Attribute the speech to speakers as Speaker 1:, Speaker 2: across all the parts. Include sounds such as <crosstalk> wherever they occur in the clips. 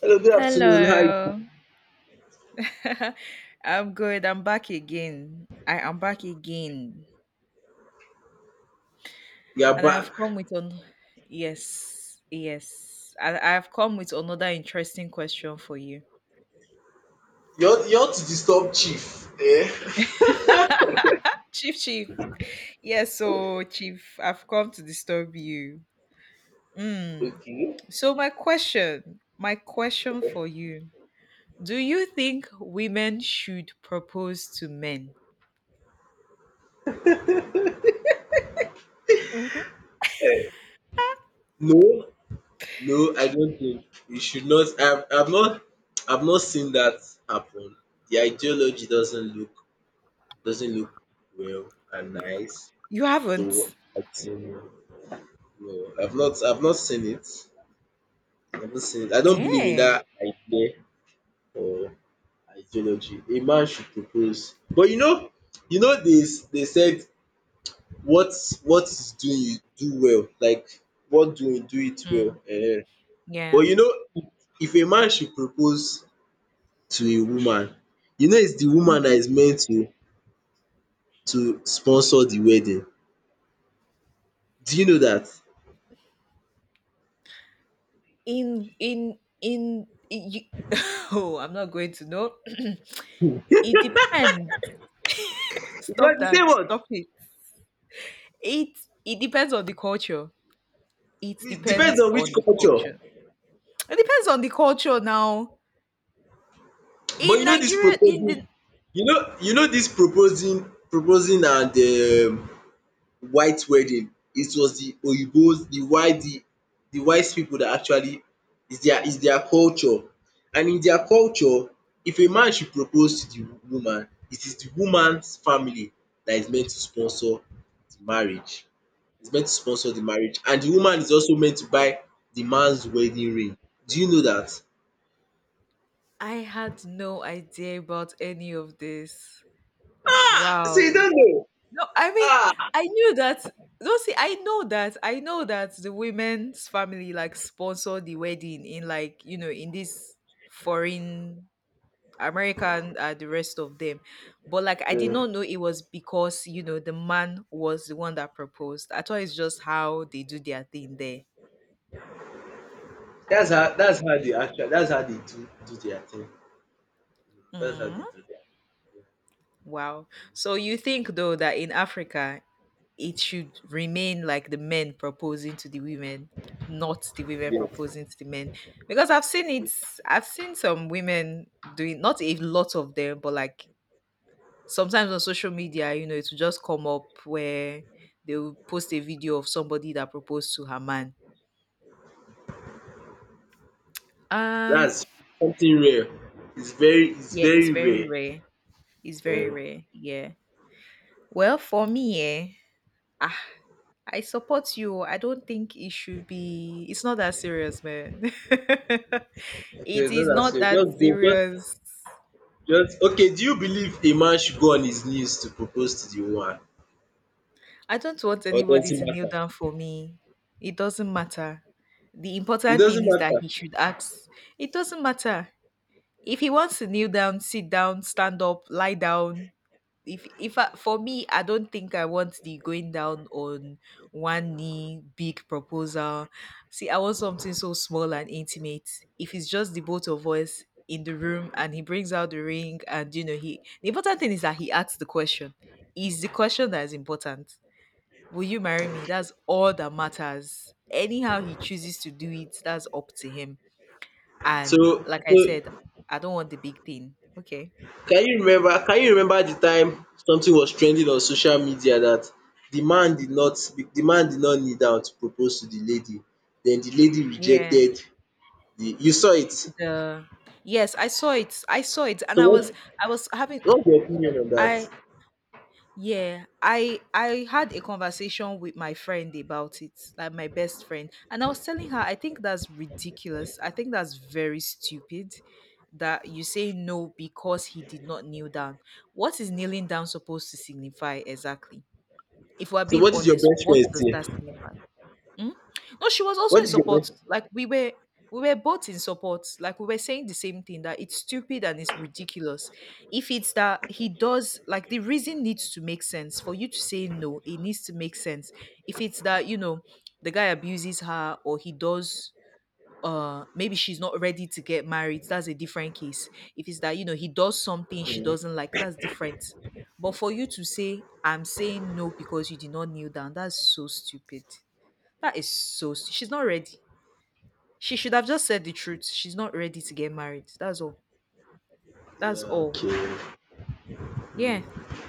Speaker 1: Hello, good afternoon. Hi,
Speaker 2: Hello. <laughs> I'm good. I'm back again.
Speaker 1: you are
Speaker 2: And I have
Speaker 1: back.
Speaker 2: come with an yes, yes. I have come with another interesting question for you.
Speaker 1: You want to disturb chief? Eh? <laughs>
Speaker 2: Chief Chief. Yes, so Chief, I've come to disturb you. Mm. My question for you. Do you think women should propose to men? Mhm.
Speaker 1: No, no, I don't think you should not. I've not seen that happen. The ideology doesn't look well and nice.
Speaker 2: You
Speaker 1: So
Speaker 2: haven't?
Speaker 1: I think no, I've not seen it. I haven't seen it. I don't believe in
Speaker 2: Eh.
Speaker 1: that idea or ideology. A man should propose, but you know this. They said what what is doing you do well, like what doing do it well
Speaker 2: Mm,
Speaker 1: um. But
Speaker 2: yeah.
Speaker 1: you know if a man should propose to a woman, you know it's the woman that
Speaker 2: Hmm.
Speaker 1: is meant to sponsor the wedding. Do you know that?
Speaker 2: in in in y- <laughs> oh, I'm not going to know. <clears throat> It depends. <laughs>
Speaker 1: Well
Speaker 2: Stop
Speaker 1: you see
Speaker 2: that,
Speaker 1: what,
Speaker 2: stop it. It depends on the culture. it
Speaker 1: it depends
Speaker 2: depends
Speaker 1: on which
Speaker 2: on the
Speaker 1: culture
Speaker 2: culture it depends on the culture now
Speaker 1: but
Speaker 2: in
Speaker 1: you know this
Speaker 2: Nigeria, in the
Speaker 1: proposing you know this proposing and white wedding. It was the Oyibo's, the white people that actually is their culture and in their culture if a man should propose to the woman, it is the woman's family that is meant to sponsor the marriage. It's meant to sponsor the marriage and the woman is also meant to buy the man's wedding ring. Do you know that?
Speaker 2: I had no idea about any of this.
Speaker 1: See you
Speaker 2: Wow.
Speaker 1: don't know?
Speaker 2: No, I mean,
Speaker 1: Ah!
Speaker 2: I knew that. No, see, I know that the women's family like sponsor the wedding in like, you know, in this foreign American, the rest of them. But like I did
Speaker 1: um
Speaker 2: not know it was because, you know, the man was the one that proposed. I thought it's just how they do their thing there.
Speaker 1: dat's how that's how they actually that's how they do their thing. That's how they
Speaker 2: Mm,
Speaker 1: do their
Speaker 2: wow. So you think though that in Africa it should remain like the men proposing to the women, not the
Speaker 1: thing.
Speaker 2: women
Speaker 1: Yes.
Speaker 2: proposing to the men. Because I've seen it, I've seen some women doing, not a lot of them, but like sometimes on social media, you know, it will just come up where they will post a video of somebody that proposed to her man. Ah,
Speaker 1: That's something rare. It's
Speaker 2: yeah, it's
Speaker 1: very
Speaker 2: very
Speaker 1: rare.
Speaker 2: rare. It's very
Speaker 1: Um,
Speaker 2: rare. Yeah. Well, for me, eh, ah, I support you. I don't think it should be. It's not that serious, man. <laughs> It
Speaker 1: there's no
Speaker 2: is
Speaker 1: that
Speaker 2: not
Speaker 1: say
Speaker 2: that
Speaker 1: just go
Speaker 2: serious.
Speaker 1: just okay, do you believe a man should go on his knees to propose to the woman?
Speaker 2: I don't want
Speaker 1: Or does
Speaker 2: anybody
Speaker 1: it
Speaker 2: to kneel
Speaker 1: matter?
Speaker 2: down for me. It doesn't matter. The
Speaker 1: It
Speaker 2: important thing
Speaker 1: doesn't
Speaker 2: is that
Speaker 1: matter.
Speaker 2: he should ask. It doesn't matter if he wants to kneel down, sit down, stand up, lie down. If I, for me, I don't think I want the going down on one knee big proposal. See, I want something so small and intimate. If it's just the both of us in the room and he brings out the ring and you know he the important thing is that he asks the question. Is the question that is important. Will you marry me? That's all that matters. Anyhow he chooses to do it, that's up to him. And
Speaker 1: So
Speaker 2: like I
Speaker 1: so
Speaker 2: said, I don't want the big thing. Okay.
Speaker 1: can you remember the time something was trending on social media that the man did not kneel down to propose to the lady. Then the lady
Speaker 2: Yeah.
Speaker 1: rejected the you saw it. So
Speaker 2: The yes, I saw it. I saw it and I
Speaker 1: what
Speaker 2: was I was having
Speaker 1: what's your opinion on that?
Speaker 2: I yeah, I had a conversation with my friend about it, like my best friend, and I was telling her I think that's ridiculous. I think that's very stupid that you say no because he did not kneel down. What is kneeling down supposed to signify exactly? If we're
Speaker 1: So
Speaker 2: being
Speaker 1: what did your
Speaker 2: honest,
Speaker 1: best
Speaker 2: what
Speaker 1: friend
Speaker 2: does
Speaker 1: say?
Speaker 2: that signify? Mm? No, she was also
Speaker 1: What
Speaker 2: in
Speaker 1: is your best
Speaker 2: support. Like we were both in support. Like we were saying the same thing that it's stupid and it's ridiculous. If it's that he does like the reason needs to make sense for you to say no, it needs to make sense. If it's that, you know, the guy abuses her or he does maybe she's not ready to get married, that's a different case. If it's that, you know, he does something she doesn't
Speaker 1: mm,
Speaker 2: like, that's different. But for you to say, I'm saying no because you did not kneel down, that's so stupid. That is so s- She's not ready. She should have just said the truth. She's not ready to get married. That's all. That's
Speaker 1: yeah,
Speaker 2: all.
Speaker 1: okay.
Speaker 2: Yeah.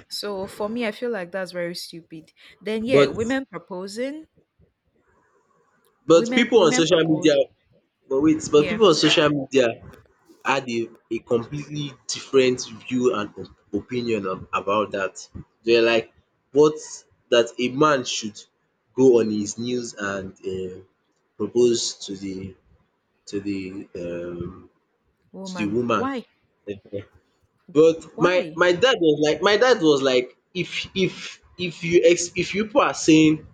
Speaker 2: So for me, I feel like that's very stupid. Then yeah,
Speaker 1: But
Speaker 2: women proposing,
Speaker 1: but
Speaker 2: women
Speaker 1: people on
Speaker 2: women
Speaker 1: social media
Speaker 2: propose.
Speaker 1: but wait, but
Speaker 2: Yeah,
Speaker 1: people on social media had a completely different view and op- opinion of, about that. They're like what that a man should go on his knees and propose to the to the to the
Speaker 2: woman.
Speaker 1: woman.
Speaker 2: Why?
Speaker 1: Eh, But my
Speaker 2: Why?
Speaker 1: my dad was like my dad was like if you ex- if you people are saying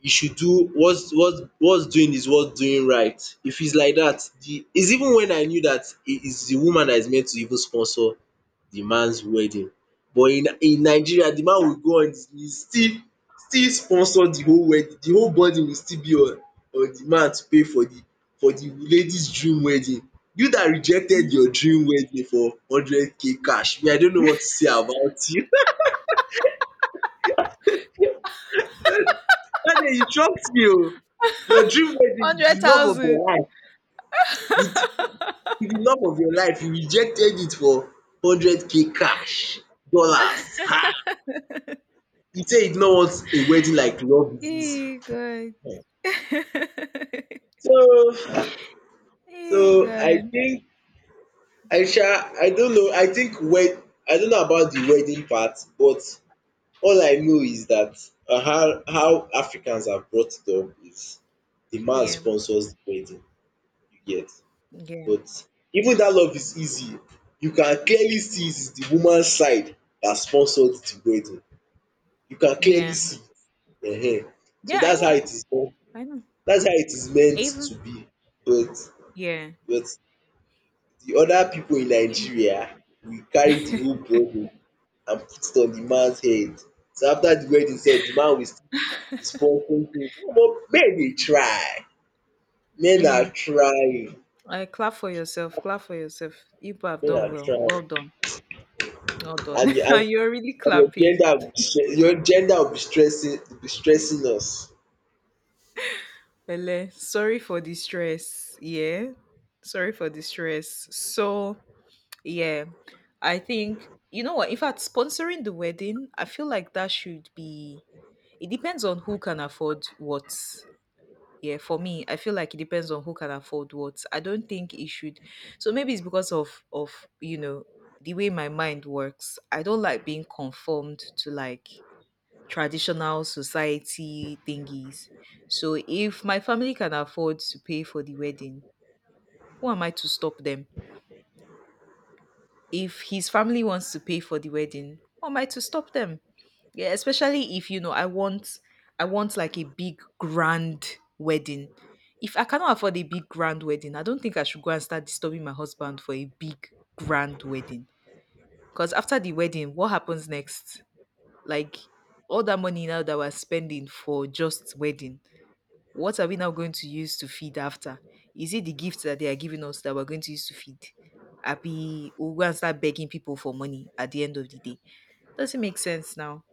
Speaker 1: you should do what's doing is what's doing right. If it's like that, the it's even when I knew that it is the woman that is meant to even sponsor the man's wedding. But in Nigeria, the man will go on his knees still still sponsor the whole wedding. The whole body will still be on the man to pay for the lady's dream wedding. You that rejected
Speaker 2: Mm-hmm.
Speaker 1: your dream wedding for hundred k cash, me I don't know what to say about you. <laughs> Dat day you shocked me oo. Your dream wedding, the
Speaker 2: Hundred
Speaker 1: love of your
Speaker 2: thousand.
Speaker 1: life with with the love of your life, you rejected it for hundred k cash dollars. You say you no want a wedding like love is easy
Speaker 2: Hey God.
Speaker 1: um.
Speaker 2: <laughs>
Speaker 1: So
Speaker 2: Hey
Speaker 1: so I
Speaker 2: God.
Speaker 1: think I sha I don't know I think wed I don't know about the wedding part but all I know is that how Africans have brought it up is the man
Speaker 2: Yeah.
Speaker 1: sponsors the wedding, you get.
Speaker 2: Yeah.
Speaker 1: But even that love is easy you can clearly see it is the woman's side that sponsored the wedding. You can clearly
Speaker 2: Yeah.
Speaker 1: see it. So
Speaker 2: Yeah. I
Speaker 1: that's how
Speaker 2: know.
Speaker 1: it is done.
Speaker 2: I know.
Speaker 1: That's how it is meant
Speaker 2: Even.
Speaker 1: to be but
Speaker 2: Yeah.
Speaker 1: but the other people in
Speaker 2: Yeah.
Speaker 1: Nigeria we carry the whole burden and put it on the man's head. So after the wedding sef the man will still be sponsoring things. Omo men dey try, men are
Speaker 2: Mm.
Speaker 1: trying,
Speaker 2: I clap for yourself. Clap for yourself. Igbo have
Speaker 1: men
Speaker 2: done
Speaker 1: are
Speaker 2: well.
Speaker 1: trying
Speaker 2: Well done. Well done.
Speaker 1: and
Speaker 2: <laughs>
Speaker 1: and
Speaker 2: And you're really
Speaker 1: And your
Speaker 2: clapping.
Speaker 1: gender will be stre- your gender will be stressing us.
Speaker 2: Bele, sorry for the stress. Yeah. Sorry for the stress. So yeah. I think you know what? In fact, sponsoring the wedding, I feel like that should be it depends on who can afford what. Yeah, for me, I feel like it depends on who can afford what. I don't think it should. So maybe it's because of you know the way my mind works. I don't like being conformed to like traditional society thingies. So if my family can afford to pay for the wedding, who am I to stop them? If his family wants to pay for the wedding, what am I to stop them? Yeah, especially if you know I want like a big grand wedding. If I cannot afford a big grand wedding, I don't think I should go and start disturbing my husband for a big grand wedding. Because after the wedding, what happens next? Like, all that money now that we're spending for just wedding, what are we now going to use to feed after? Is it the gift that they are giving us that we're going to use to feed? Happy, we'll go and start begging people for money at the end of the day. Doesn't make sense now.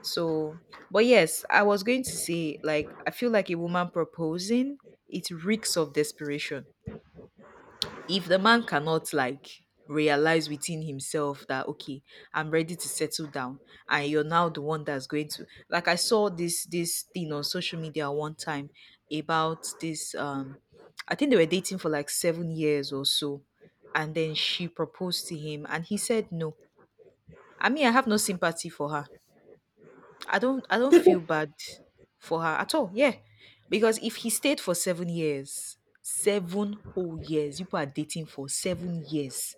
Speaker 2: So, but yes, I was going to say, like, I feel like a woman proposing, it reeks of desperation. If the man cannot like realize within himself that okay, I'm ready to settle down, and you're now the one that's going to like I saw this thing on social media one time about this I think they were dating for like 7 years or so, and then she proposed to him and he said no. I mean, I have no sympathy for her. I don't feel bad for her at all. Yeah, because if he stayed for 7 years, seven whole years, people are dating for 7 years.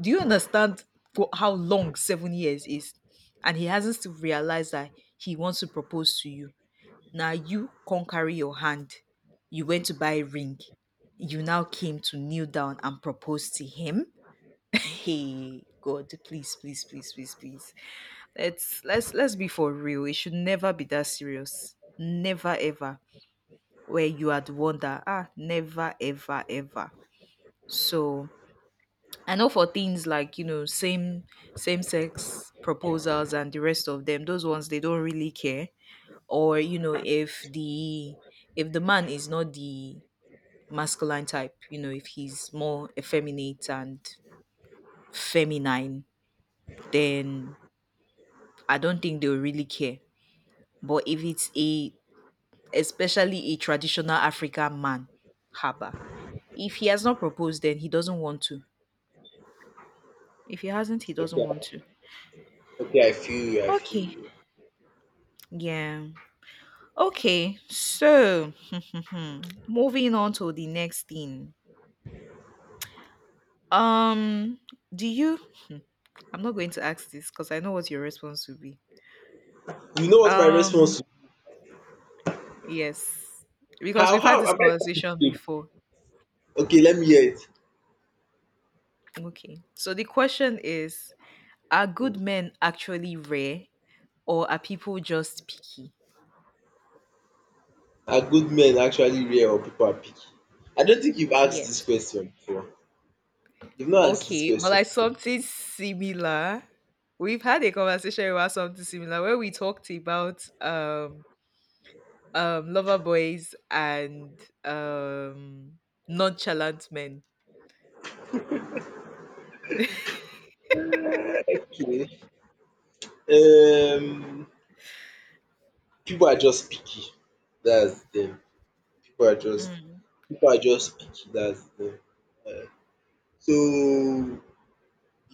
Speaker 2: Do you understand how long 7 years is? And he hasn't still realized that he wants to propose to you. Now you can't carry your hand. You went to buy a ring. You now came to kneel down and propose to him. <laughs> Hey God, please, please, please, please, please. Let's be for real. It should never be that serious. Never ever. Where you are the one that ah, never ever ever. So I know for things like, you know, same sex proposals and the rest of them, those ones they don't really care. Or, you know, if the man is not the masculine type, you know, if he's more effeminate and feminine, then I don't think they'll really care. But if it's a especially a traditional African man, haba. If he has not proposed then he doesn't want to. If he hasn't, he doesn't
Speaker 1: Okay,
Speaker 2: want to.
Speaker 1: I feel
Speaker 2: Okay.
Speaker 1: you.
Speaker 2: Yeah. Okay, so <laughs> moving on to the next thing. Um, do you? I'm not going to ask this because I know what your response will be.
Speaker 1: You know what my
Speaker 2: Um,
Speaker 1: response will
Speaker 2: yes, because we've had
Speaker 1: How
Speaker 2: this
Speaker 1: am I
Speaker 2: conversation
Speaker 1: picky?
Speaker 2: before.
Speaker 1: Okay, let me hear
Speaker 2: Okay, so the question is are good
Speaker 1: it.
Speaker 2: men actually rare or are people just picky?
Speaker 1: Are good men actually rare or people are picky? I don't think you've asked
Speaker 2: Yes.
Speaker 1: this question before. You've not asked this
Speaker 2: Okay, but
Speaker 1: question
Speaker 2: like
Speaker 1: before.
Speaker 2: something similar. We've had a conversation about something similar where we talked about lover boys and um nonchalant men.
Speaker 1: Okay. Um, people are just picky. That's them. People are just
Speaker 2: Mm.
Speaker 1: people are just picky. That's them. So you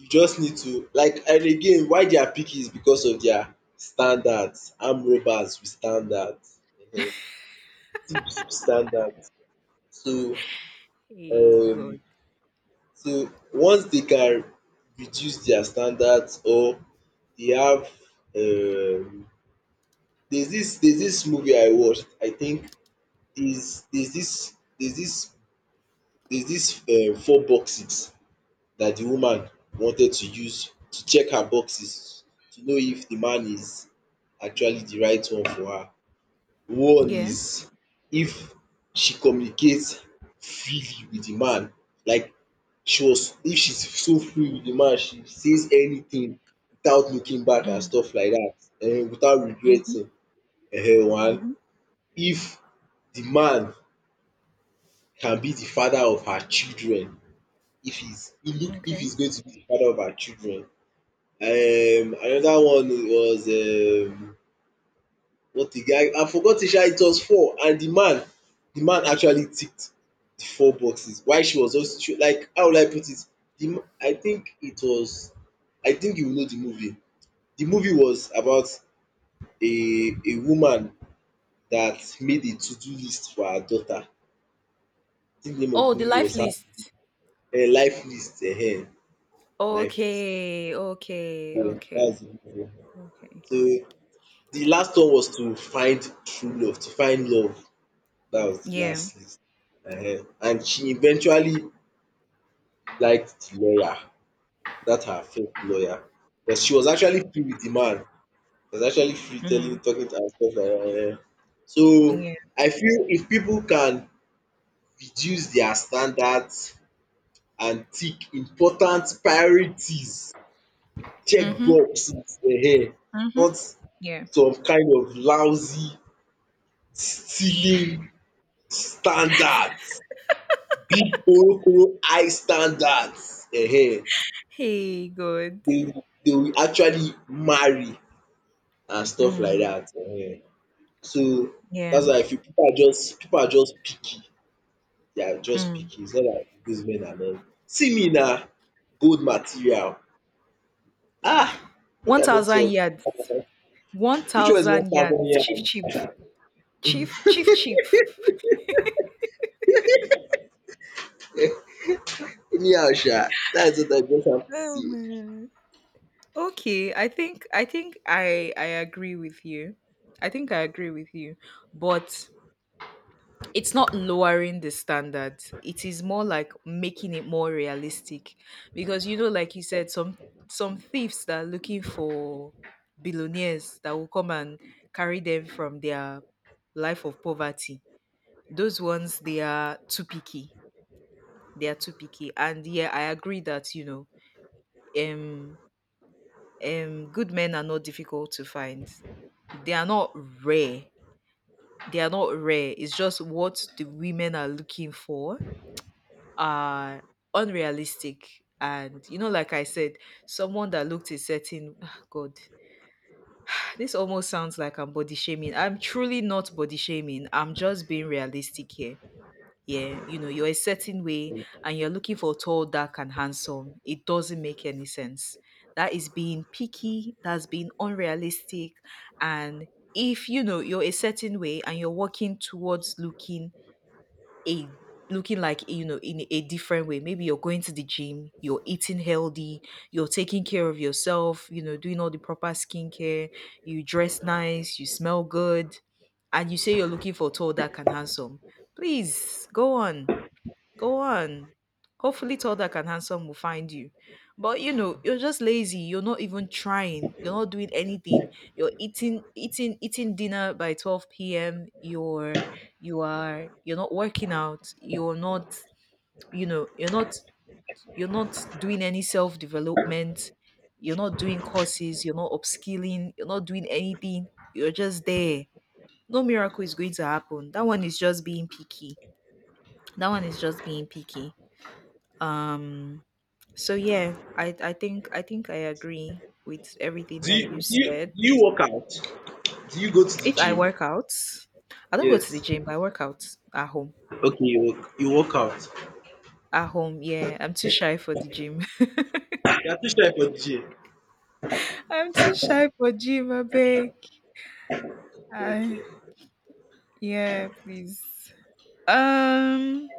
Speaker 1: just need to like and again why they are picky is because of their standards armed robbers with standards um thieves with standards so
Speaker 2: Hey
Speaker 1: um
Speaker 2: God.
Speaker 1: so once they can reduce their standards or they have um there's this movie I watched I think there's there's this four boxes that the woman wanted to use to check her boxes to know if the man is actually the right one for her. One
Speaker 2: Yeah.
Speaker 1: is if she communicates freely with the man, like she was if she's so free with the man, she says anything without looking back and
Speaker 2: Mm.
Speaker 1: stuff like that without
Speaker 2: Mm-hmm.
Speaker 1: regretting one.
Speaker 2: Mm-hmm.
Speaker 1: If the man can be the father of her children, if he's he look if
Speaker 2: Okay.
Speaker 1: he's going to be the father of her children another one was what again I forgot it sha it was four and the man actually ticked the four boxes while she was just like how will I put it the m- I think it was I think you know the movie. The movie was about a woman that made a to do list for her daughter. I think the name of the
Speaker 2: Oh, the
Speaker 1: movie
Speaker 2: life
Speaker 1: was
Speaker 2: list.
Speaker 1: life list life
Speaker 2: Okay. Okay. Okay.
Speaker 1: that's the movie.
Speaker 2: Okay.
Speaker 1: So the last one was to find true love to find love That was the
Speaker 2: Yeah.
Speaker 1: last list. Ehen. And she eventually liked the lawyer, that her first lawyer. But she was actually free with the man. She was actually free telling
Speaker 2: Mm.
Speaker 1: talking to herself. Stuff like So
Speaker 2: Yeah.
Speaker 1: I feel if people can reduce their standards and tick important priorities, check
Speaker 2: Mm-hmm.
Speaker 1: boxes ehen,
Speaker 2: Mm-hmm.
Speaker 1: not
Speaker 2: Yeah.
Speaker 1: some kind of lousy stealing standards. Big Orokoro high standards
Speaker 2: Hey God.
Speaker 1: they will actually marry and stuff like
Speaker 2: Mm.
Speaker 1: that. So
Speaker 2: Yeah.
Speaker 1: that's why I feel pipu are just people are just picky, they are just
Speaker 2: Mm.
Speaker 1: picky its not like dis men are not. See me na gold material Ah, make
Speaker 2: One
Speaker 1: I no
Speaker 2: thousand
Speaker 1: talk
Speaker 2: yards. One
Speaker 1: which one is one
Speaker 2: thousand yards.
Speaker 1: thousand
Speaker 2: Chief
Speaker 1: yam?
Speaker 2: chief. Chief chief chief.
Speaker 1: Anyhow sha that's what I just have to
Speaker 2: Oh
Speaker 1: say.
Speaker 2: my Okay, I think I agree with you. I think I agree with you. But it's not lowering the standard. It is more like making it more realistic because you know like you said some thieves that are looking for billionaires that will come and carry them from their life of poverty. Those ones they are too picky. They are too picky. And yeah, I agree that you know um good men are not difficult to find. They are not rare. They are not rare. It's just what the women are looking for are unrealistic. And you know, like I said, someone that looked a certain ah, God, this almost sounds like I'm body shaming. I'm truly not body shaming. I'm just being realistic here. Yeah, you know you're a certain way and you're looking for tall, dark and handsome. It doesn't make any sense. That is being picky. That's being unrealistic. And if you know you're a certain way and you're working towards looking a looking like, you know, in a different way, maybe you're going to the gym, you're eating healthy, you're taking care of yourself, you know, doing all the proper skincare, you dress nice, you smell good, and you say you're looking for tall, dark and handsome, please go on. Go on. Hopefully, tall, dark, and handsome will find you. But you know, you're just lazy. You're not even trying. You're not doing anything. You're eating dinner by 12 p.m. You're, you are, you're not working out. You're not, you're not, you're not doing any self development. You're not doing courses. You're not upskilling. You're not doing anything. You're just there. No miracle is going to happen. That one is just being picky. That one is just being picky. Um, so yeah, I think I think I agree with everything
Speaker 1: Do you
Speaker 2: that you
Speaker 1: do you
Speaker 2: said.
Speaker 1: do you workout? Do you go to the
Speaker 2: If I
Speaker 1: gym?
Speaker 2: work out, I don't go to the
Speaker 1: Yes.
Speaker 2: gym, but I work out at home.
Speaker 1: Okay you work you workout.
Speaker 2: At home, yeah. I'm too shy for the gym.
Speaker 1: They are two strike for the
Speaker 2: <laughs> I'm too shy for gym, I beg. I,
Speaker 1: Okay,
Speaker 2: yeah, please. Um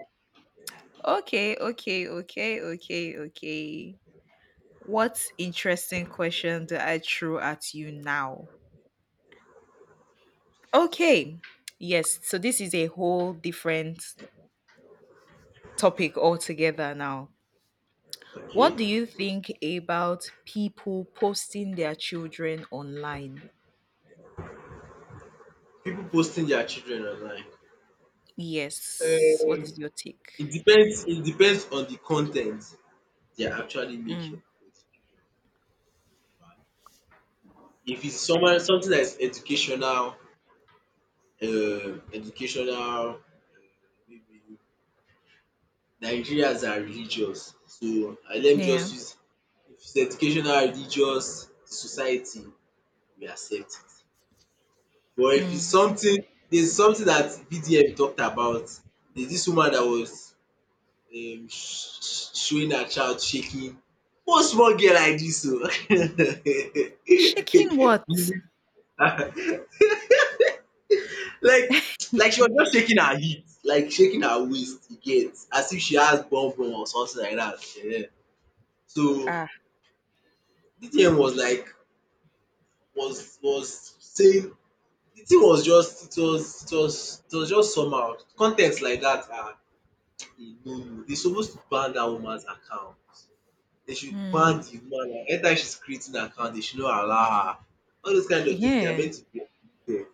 Speaker 2: okay, okay, okay, okay, okay. What interesting question do I throw at you now? Okay. Yes, so this is a whole different topic altogether now. What
Speaker 1: okay.
Speaker 2: do you think about people posting their children online?
Speaker 1: People posting their children online.
Speaker 2: Yes. What
Speaker 1: Um,
Speaker 2: is your take?
Speaker 1: It depends. It depends on the content they are actually
Speaker 2: Mm.
Speaker 1: making. With children, right? If it's someone something that is educational, educational, maybe Nigerians are religious, so I let me
Speaker 2: Yeah.
Speaker 1: just use. If it's educational, religious, the society, we accept it. But if it's
Speaker 2: Mm.
Speaker 1: something there's something that BDM talked about. There's this woman that was sh- sh- showing her child shaking. One small girl like this, oo
Speaker 2: Shaking what?
Speaker 1: <laughs> like like she was just
Speaker 2: <laughs>
Speaker 1: shaking her hip, like shaking her waist, you get, as if she has bum bum or something like that. So
Speaker 2: Ah.
Speaker 1: BDM was like was saying, the thing was just it was it was it was just somehow. Con ten ts like that. Are No, no. they're supposed to ban that woman's account. They should ban
Speaker 2: Mm.
Speaker 1: the woman. Like, Anytime she's creating an account, they should not allow her. All those kind of things, they are
Speaker 2: Yeah.
Speaker 1: meant to be there.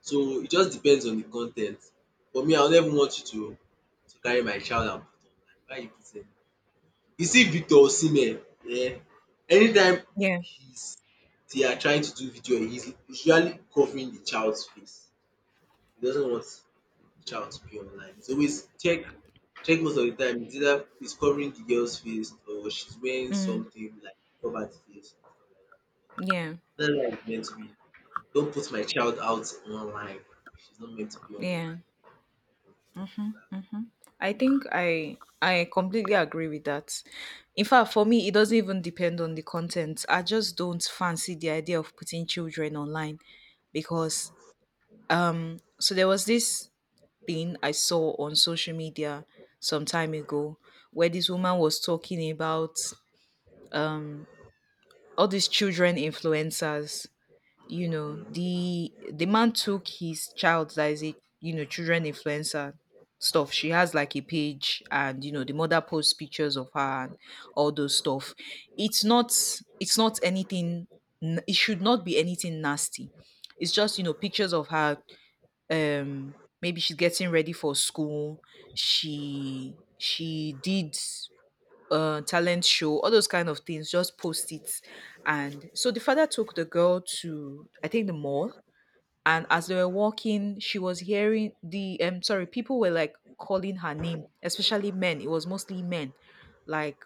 Speaker 1: So it just depends on the content. For me, I will never want you to carry my child and put online. Why you put any You see Victor Osimhen Yeah. anytime
Speaker 2: Yeah.
Speaker 1: he's they are trying to do video, he's usually covering the child's face. He doesn't want child to be online. It's always check check most of the time it's either it's covering the girl's face or she's wearing
Speaker 2: Mm.
Speaker 1: something like covered face
Speaker 2: Yeah.
Speaker 1: and stuff like that. That's how it's meant to be. Don't put my child out online. She's not meant to be online.
Speaker 2: Yeah. I I completely agree with that. In fact, for me, it doesn't even depend on the content. I just don't fancy the idea of putting children online because so there was this thing I saw on social media some time ago where this woman was talking about um all these children influencers. You know,
Speaker 1: Mm,
Speaker 2: the man took his child that is a, you know, children influencer stuff. She has like a page and you know the mother posts pictures of her and all those stuff. It's not it's not anything it should not be anything nasty. It's just, you know, pictures of her, um maybe she's getting ready for school, she did a talent show, all those kind of things just post it. And so the father took the girl to, I think, the mall, and as they were walking she was hearing the sorry people were like calling her name, especially men, it was mostly men. Like,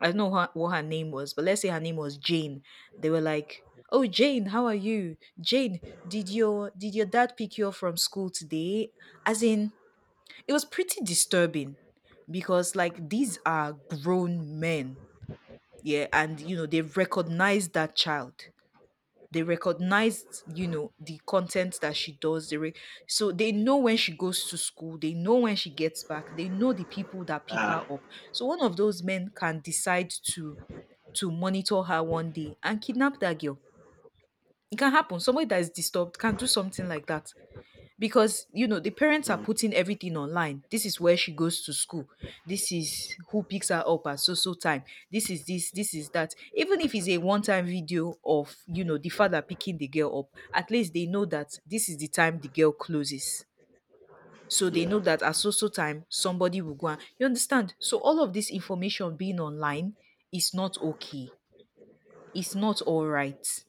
Speaker 2: I don't know her, what her name was, but let's say her name was Jane. They were like, oh Jane, how are you Jane, did your dad pick you up from school today? As in, it was pretty disturbing because like these are grown men, yeah, and you know they recognized that child. They recognized, you know, the content that she does. So they know when she goes to school, they know when she gets back, they know the people that pick
Speaker 1: ah,
Speaker 2: her up. So one of those men can decide to monitor her one day and kidnap that girl. It can happen. Somebody that is disturbed can do something like that because you know the parents are
Speaker 1: mm,
Speaker 2: putting everything online. This is where she goes to school, this is who picks her up at so so time, this is that. Even if it's a one time video of, you know, the father picking the girl up, at least they know that this is the time the girl closes, so they know
Speaker 1: yeah.
Speaker 2: that at so so time somebody will go and, you understand, so all of this information being online is not okay, it's not all right.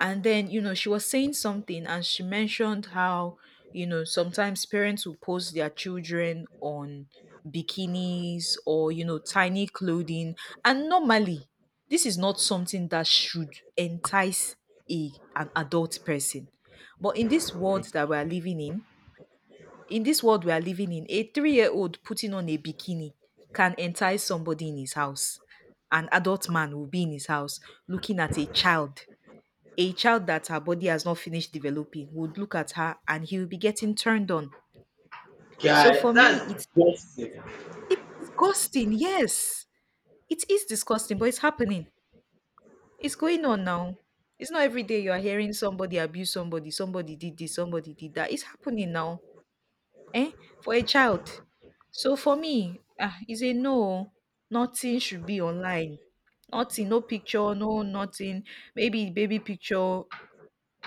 Speaker 2: And then, you know, she was saying something and she mentioned how, you know, sometimes parents will post their children on bikinis or, you know, tiny clothing. And normally, this is not something that should entice a an adult person. But in this world that we are living in this world we are living in, a three-year-old putting on a bikini can entice somebody in his house. An adult man will be in his house looking at a child, a child that her body has not finished developing, would look at her and he will be getting turned on. So
Speaker 1: Guy,
Speaker 2: for me,
Speaker 1: that's disgusting.
Speaker 2: it's disgusting. Yes, it is disgusting, but it's happening. It's going on now. It's not every day you are hearing somebody abuse somebody, somebody did this, somebody did that. It's happening now, eh? For a child. So for me, ah, it's a no. Nothing should be online. Nothing, no picture, no nothing. Maybe baby picture,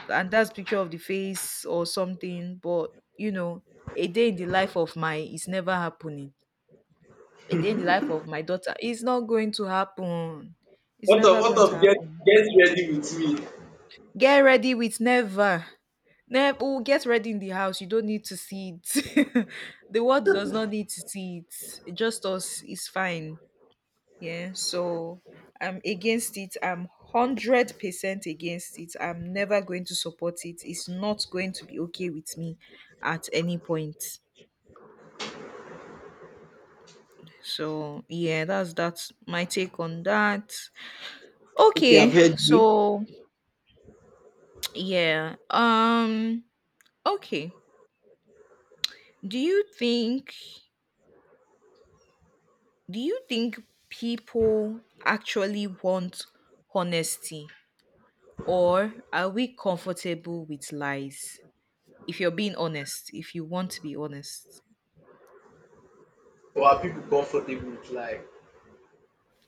Speaker 2: and that's picture of the face or something. But, you know, a day in the life of my is never happening, a day in the life of my daughter is not going to happen, it's never
Speaker 1: What
Speaker 2: going to
Speaker 1: of
Speaker 2: happen.
Speaker 1: get ready with me?
Speaker 2: Get ready with never. Never. Oh, get ready in the house, you don't need to see it. <laughs> The world does not need to see, it just us is fine. Yeah, so I'm against it. I'm 100% against it. I'm never going to support it. It's not going to be okay with me at any point. So, yeah, that's my take on that.
Speaker 1: Okay, I've
Speaker 2: Okay.
Speaker 1: heard you.
Speaker 2: So, yeah. Okay. Do you think do you think people actually want honesty or are we comfortable with lies? If you're being honest, if you want to be honest.
Speaker 1: Or are people comfortable with like?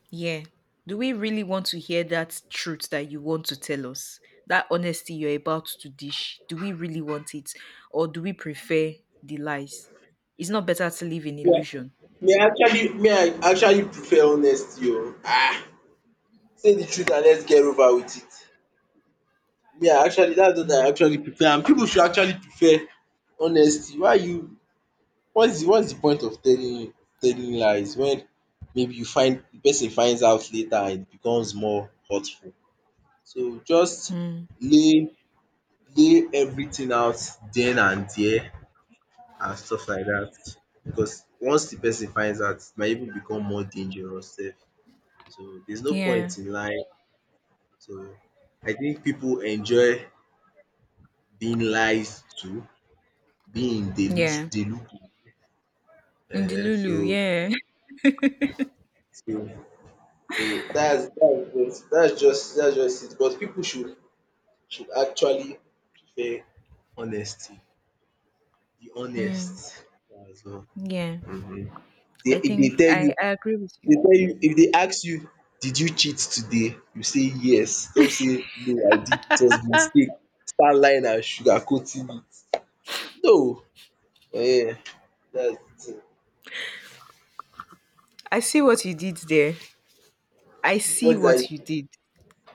Speaker 2: Yeah. Do we really want to hear that truth that you want to tell us? That honesty you're about to dish? Do we really want it? Or do we prefer the lies? It's not better to live in
Speaker 1: Yeah,
Speaker 2: illusion.
Speaker 1: me I actually prefer honesty o. say the truth and let's get over with it. Me I actually that's what I actually prefer and pipu should actually prefer honesty. Why you what's the point of telling lies when maybe you find the person finds out later and it becomes more hurtful. So just
Speaker 2: Hmm.
Speaker 1: lay lay everything out then and there and stuff like that because once the person finds out it might even become more dangerous sef. So there's no
Speaker 2: Yeah.
Speaker 1: point in lying. So I think people enjoy being lies to, being delusion
Speaker 2: Yeah.
Speaker 1: delusion
Speaker 2: In the
Speaker 1: um
Speaker 2: Lulu,
Speaker 1: so
Speaker 2: yeah. <laughs>
Speaker 1: so so that's just it, but people should actually prefer honesty, be
Speaker 2: Mm,
Speaker 1: honest as well.
Speaker 2: yeah.
Speaker 1: um dey if they tell you
Speaker 2: I agree with you. Yeah.
Speaker 1: if they ask you did you cheat today, you say yes, don't say no I did it was mistake, start lying and sugar coating it. No. um That's de
Speaker 2: I see what you did there. I see
Speaker 1: What did I do?
Speaker 2: what you did.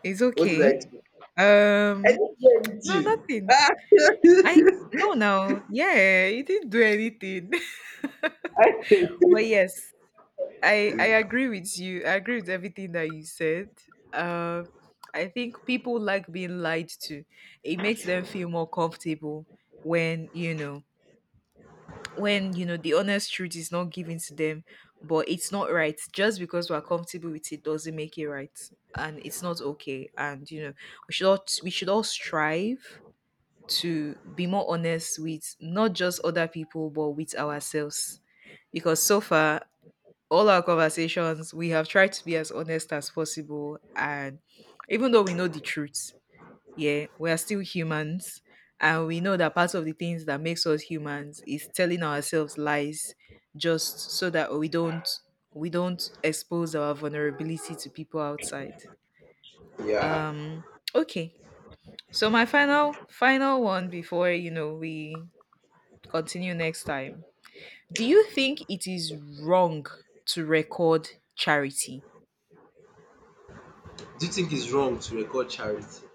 Speaker 2: It's
Speaker 1: what did I
Speaker 2: okay.
Speaker 1: do I
Speaker 2: Um
Speaker 1: didn't hear
Speaker 2: no
Speaker 1: anything.
Speaker 2: nothing.
Speaker 1: Ah.
Speaker 2: I no, no, yeah, you didn't do anything.
Speaker 1: <laughs> I-
Speaker 2: <laughs> But yes, I agree with you. I agree with everything that you said. Um, I think people like being lied to. It makes them feel more comfortable when you know when you know the honest truth is not given to them, but it's not right. Just because we're comfortable with it doesn't make it right, and it's not okay. And you know we should all strive to be more honest with not just other people, but with ourselves. Because so far, all our conversations, we have tried to be as honest as possible. And even though we know the truth, yeah, we are still humans. And we know that part of the things that makes us humans is telling ourselves lies just so that we don't expose our vulnerability to people outside.
Speaker 1: Yeah.
Speaker 2: Um okay. So my final final one before, you know, we continue next time. Do you think it is wrong to record charity?
Speaker 1: Do you think it's wrong to record charity?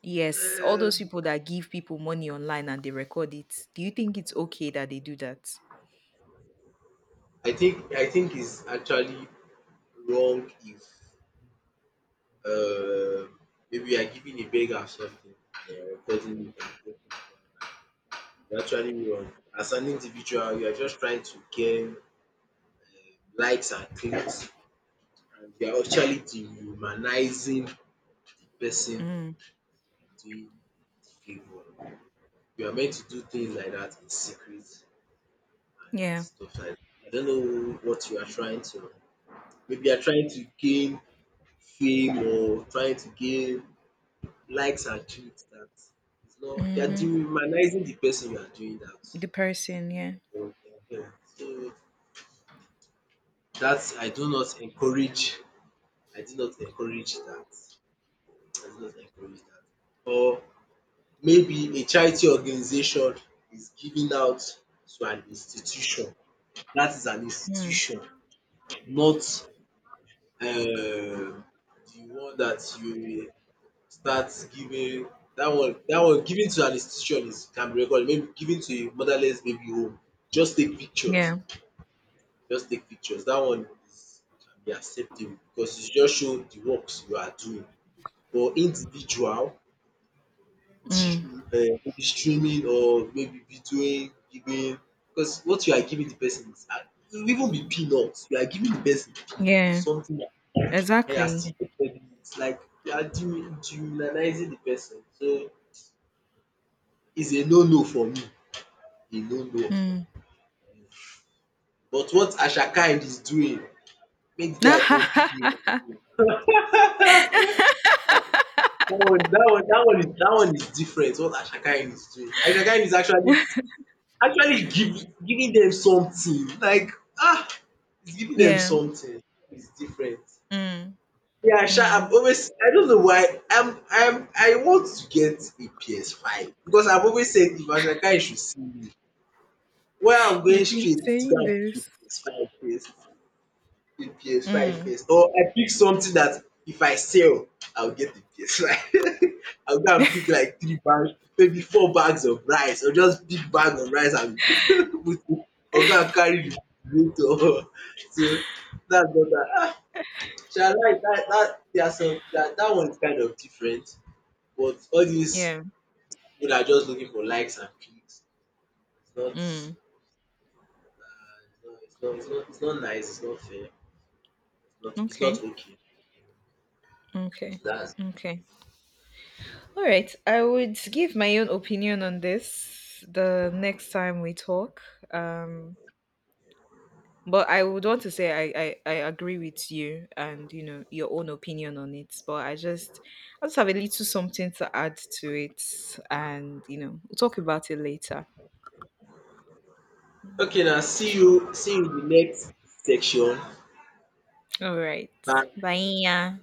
Speaker 2: Yes, all those
Speaker 1: um,
Speaker 2: people that give people money online and they record it. Do you think it's okay that they do that?
Speaker 1: I think it's actually wrong if uh, maybe you are giving a beggar something and you're recording it and posting it online. You're actually wrong. As an individual, you are just trying to gain likes and clicks, and you are actually dehumanizing the person
Speaker 2: Mm.
Speaker 1: doing the favor. You are meant to do things like that in secret and
Speaker 2: Yeah.
Speaker 1: stuff like that. I don't know what you are trying to, maybe you are trying to gain fame or trying to gain likes and clicks. That is not, you are
Speaker 2: Mm-hmm.
Speaker 1: dehumanizing the person you are doing that
Speaker 2: The person, yeah.
Speaker 1: for. So that, I do not encourage, I do not encourage that. I do not encourage that. Or maybe a charity organization is giving out to an institution. That is an
Speaker 2: Mm.
Speaker 1: institution, not the one that you will start giving. That one giving to an institution is can be recorded, maybe giving to a motherless baby home, just take pictures,
Speaker 2: Yeah.
Speaker 1: that one is can be acceptable because e just show the works you are doing. But individual,
Speaker 2: Mm.
Speaker 1: maybe streaming or maybe videoing giving, because what you are giving the person is, e even be peanuts. You are giving the person peanuts,
Speaker 2: Yeah.
Speaker 1: something, and you are
Speaker 2: Exactly.
Speaker 1: still offending. It's like you are dehumanizing the person. So it's a no no for me. A no no for
Speaker 2: Mm.
Speaker 1: me. But what Ashakai is doing, make the guy come
Speaker 2: <laughs>
Speaker 1: pick me up. Dat one that one is different, what Ashakai is doing. Ashakai is actually giving, them something, like ah, he's giving them
Speaker 2: Yeah.
Speaker 1: something. It's different.
Speaker 2: Mm.
Speaker 1: Yeah, sha,
Speaker 2: Mm.
Speaker 1: I've always, I don't know why I want to get a PS5 because I've always said, if Ashake should see me, why I'm going
Speaker 2: You've been
Speaker 1: straight to go
Speaker 2: saying
Speaker 1: and pick
Speaker 2: this.
Speaker 1: a PS5 first, a PS5
Speaker 2: Mm.
Speaker 1: first or I pick something that if I sell, I'll get the PS5. <laughs> I'll go and pick like 3 bags, maybe 4 bags of rice, or just big bag of rice and <laughs> put it, or go and carry the refrigerator. <laughs> So, that's what I, ah, sha, like that. That, there are some that, that one is kind of different, but all these
Speaker 2: Yeah.
Speaker 1: people dat are just looking for likes and clicks, it's not,
Speaker 2: Mm.
Speaker 1: is not, it's not nice, it's not fair, is not it's
Speaker 2: Okay.
Speaker 1: not okay.
Speaker 2: Okay.
Speaker 1: So dats
Speaker 2: Okay. All right, I would give my own opinion on this the next time we talk. Um, but I would want to say I agree with you and you know your own opinion on it. But I just have a little something to add to it, and you know we'll talk about it later.
Speaker 1: okay. Now see you, in the next section.
Speaker 2: All right,
Speaker 1: Bye.
Speaker 2: bye.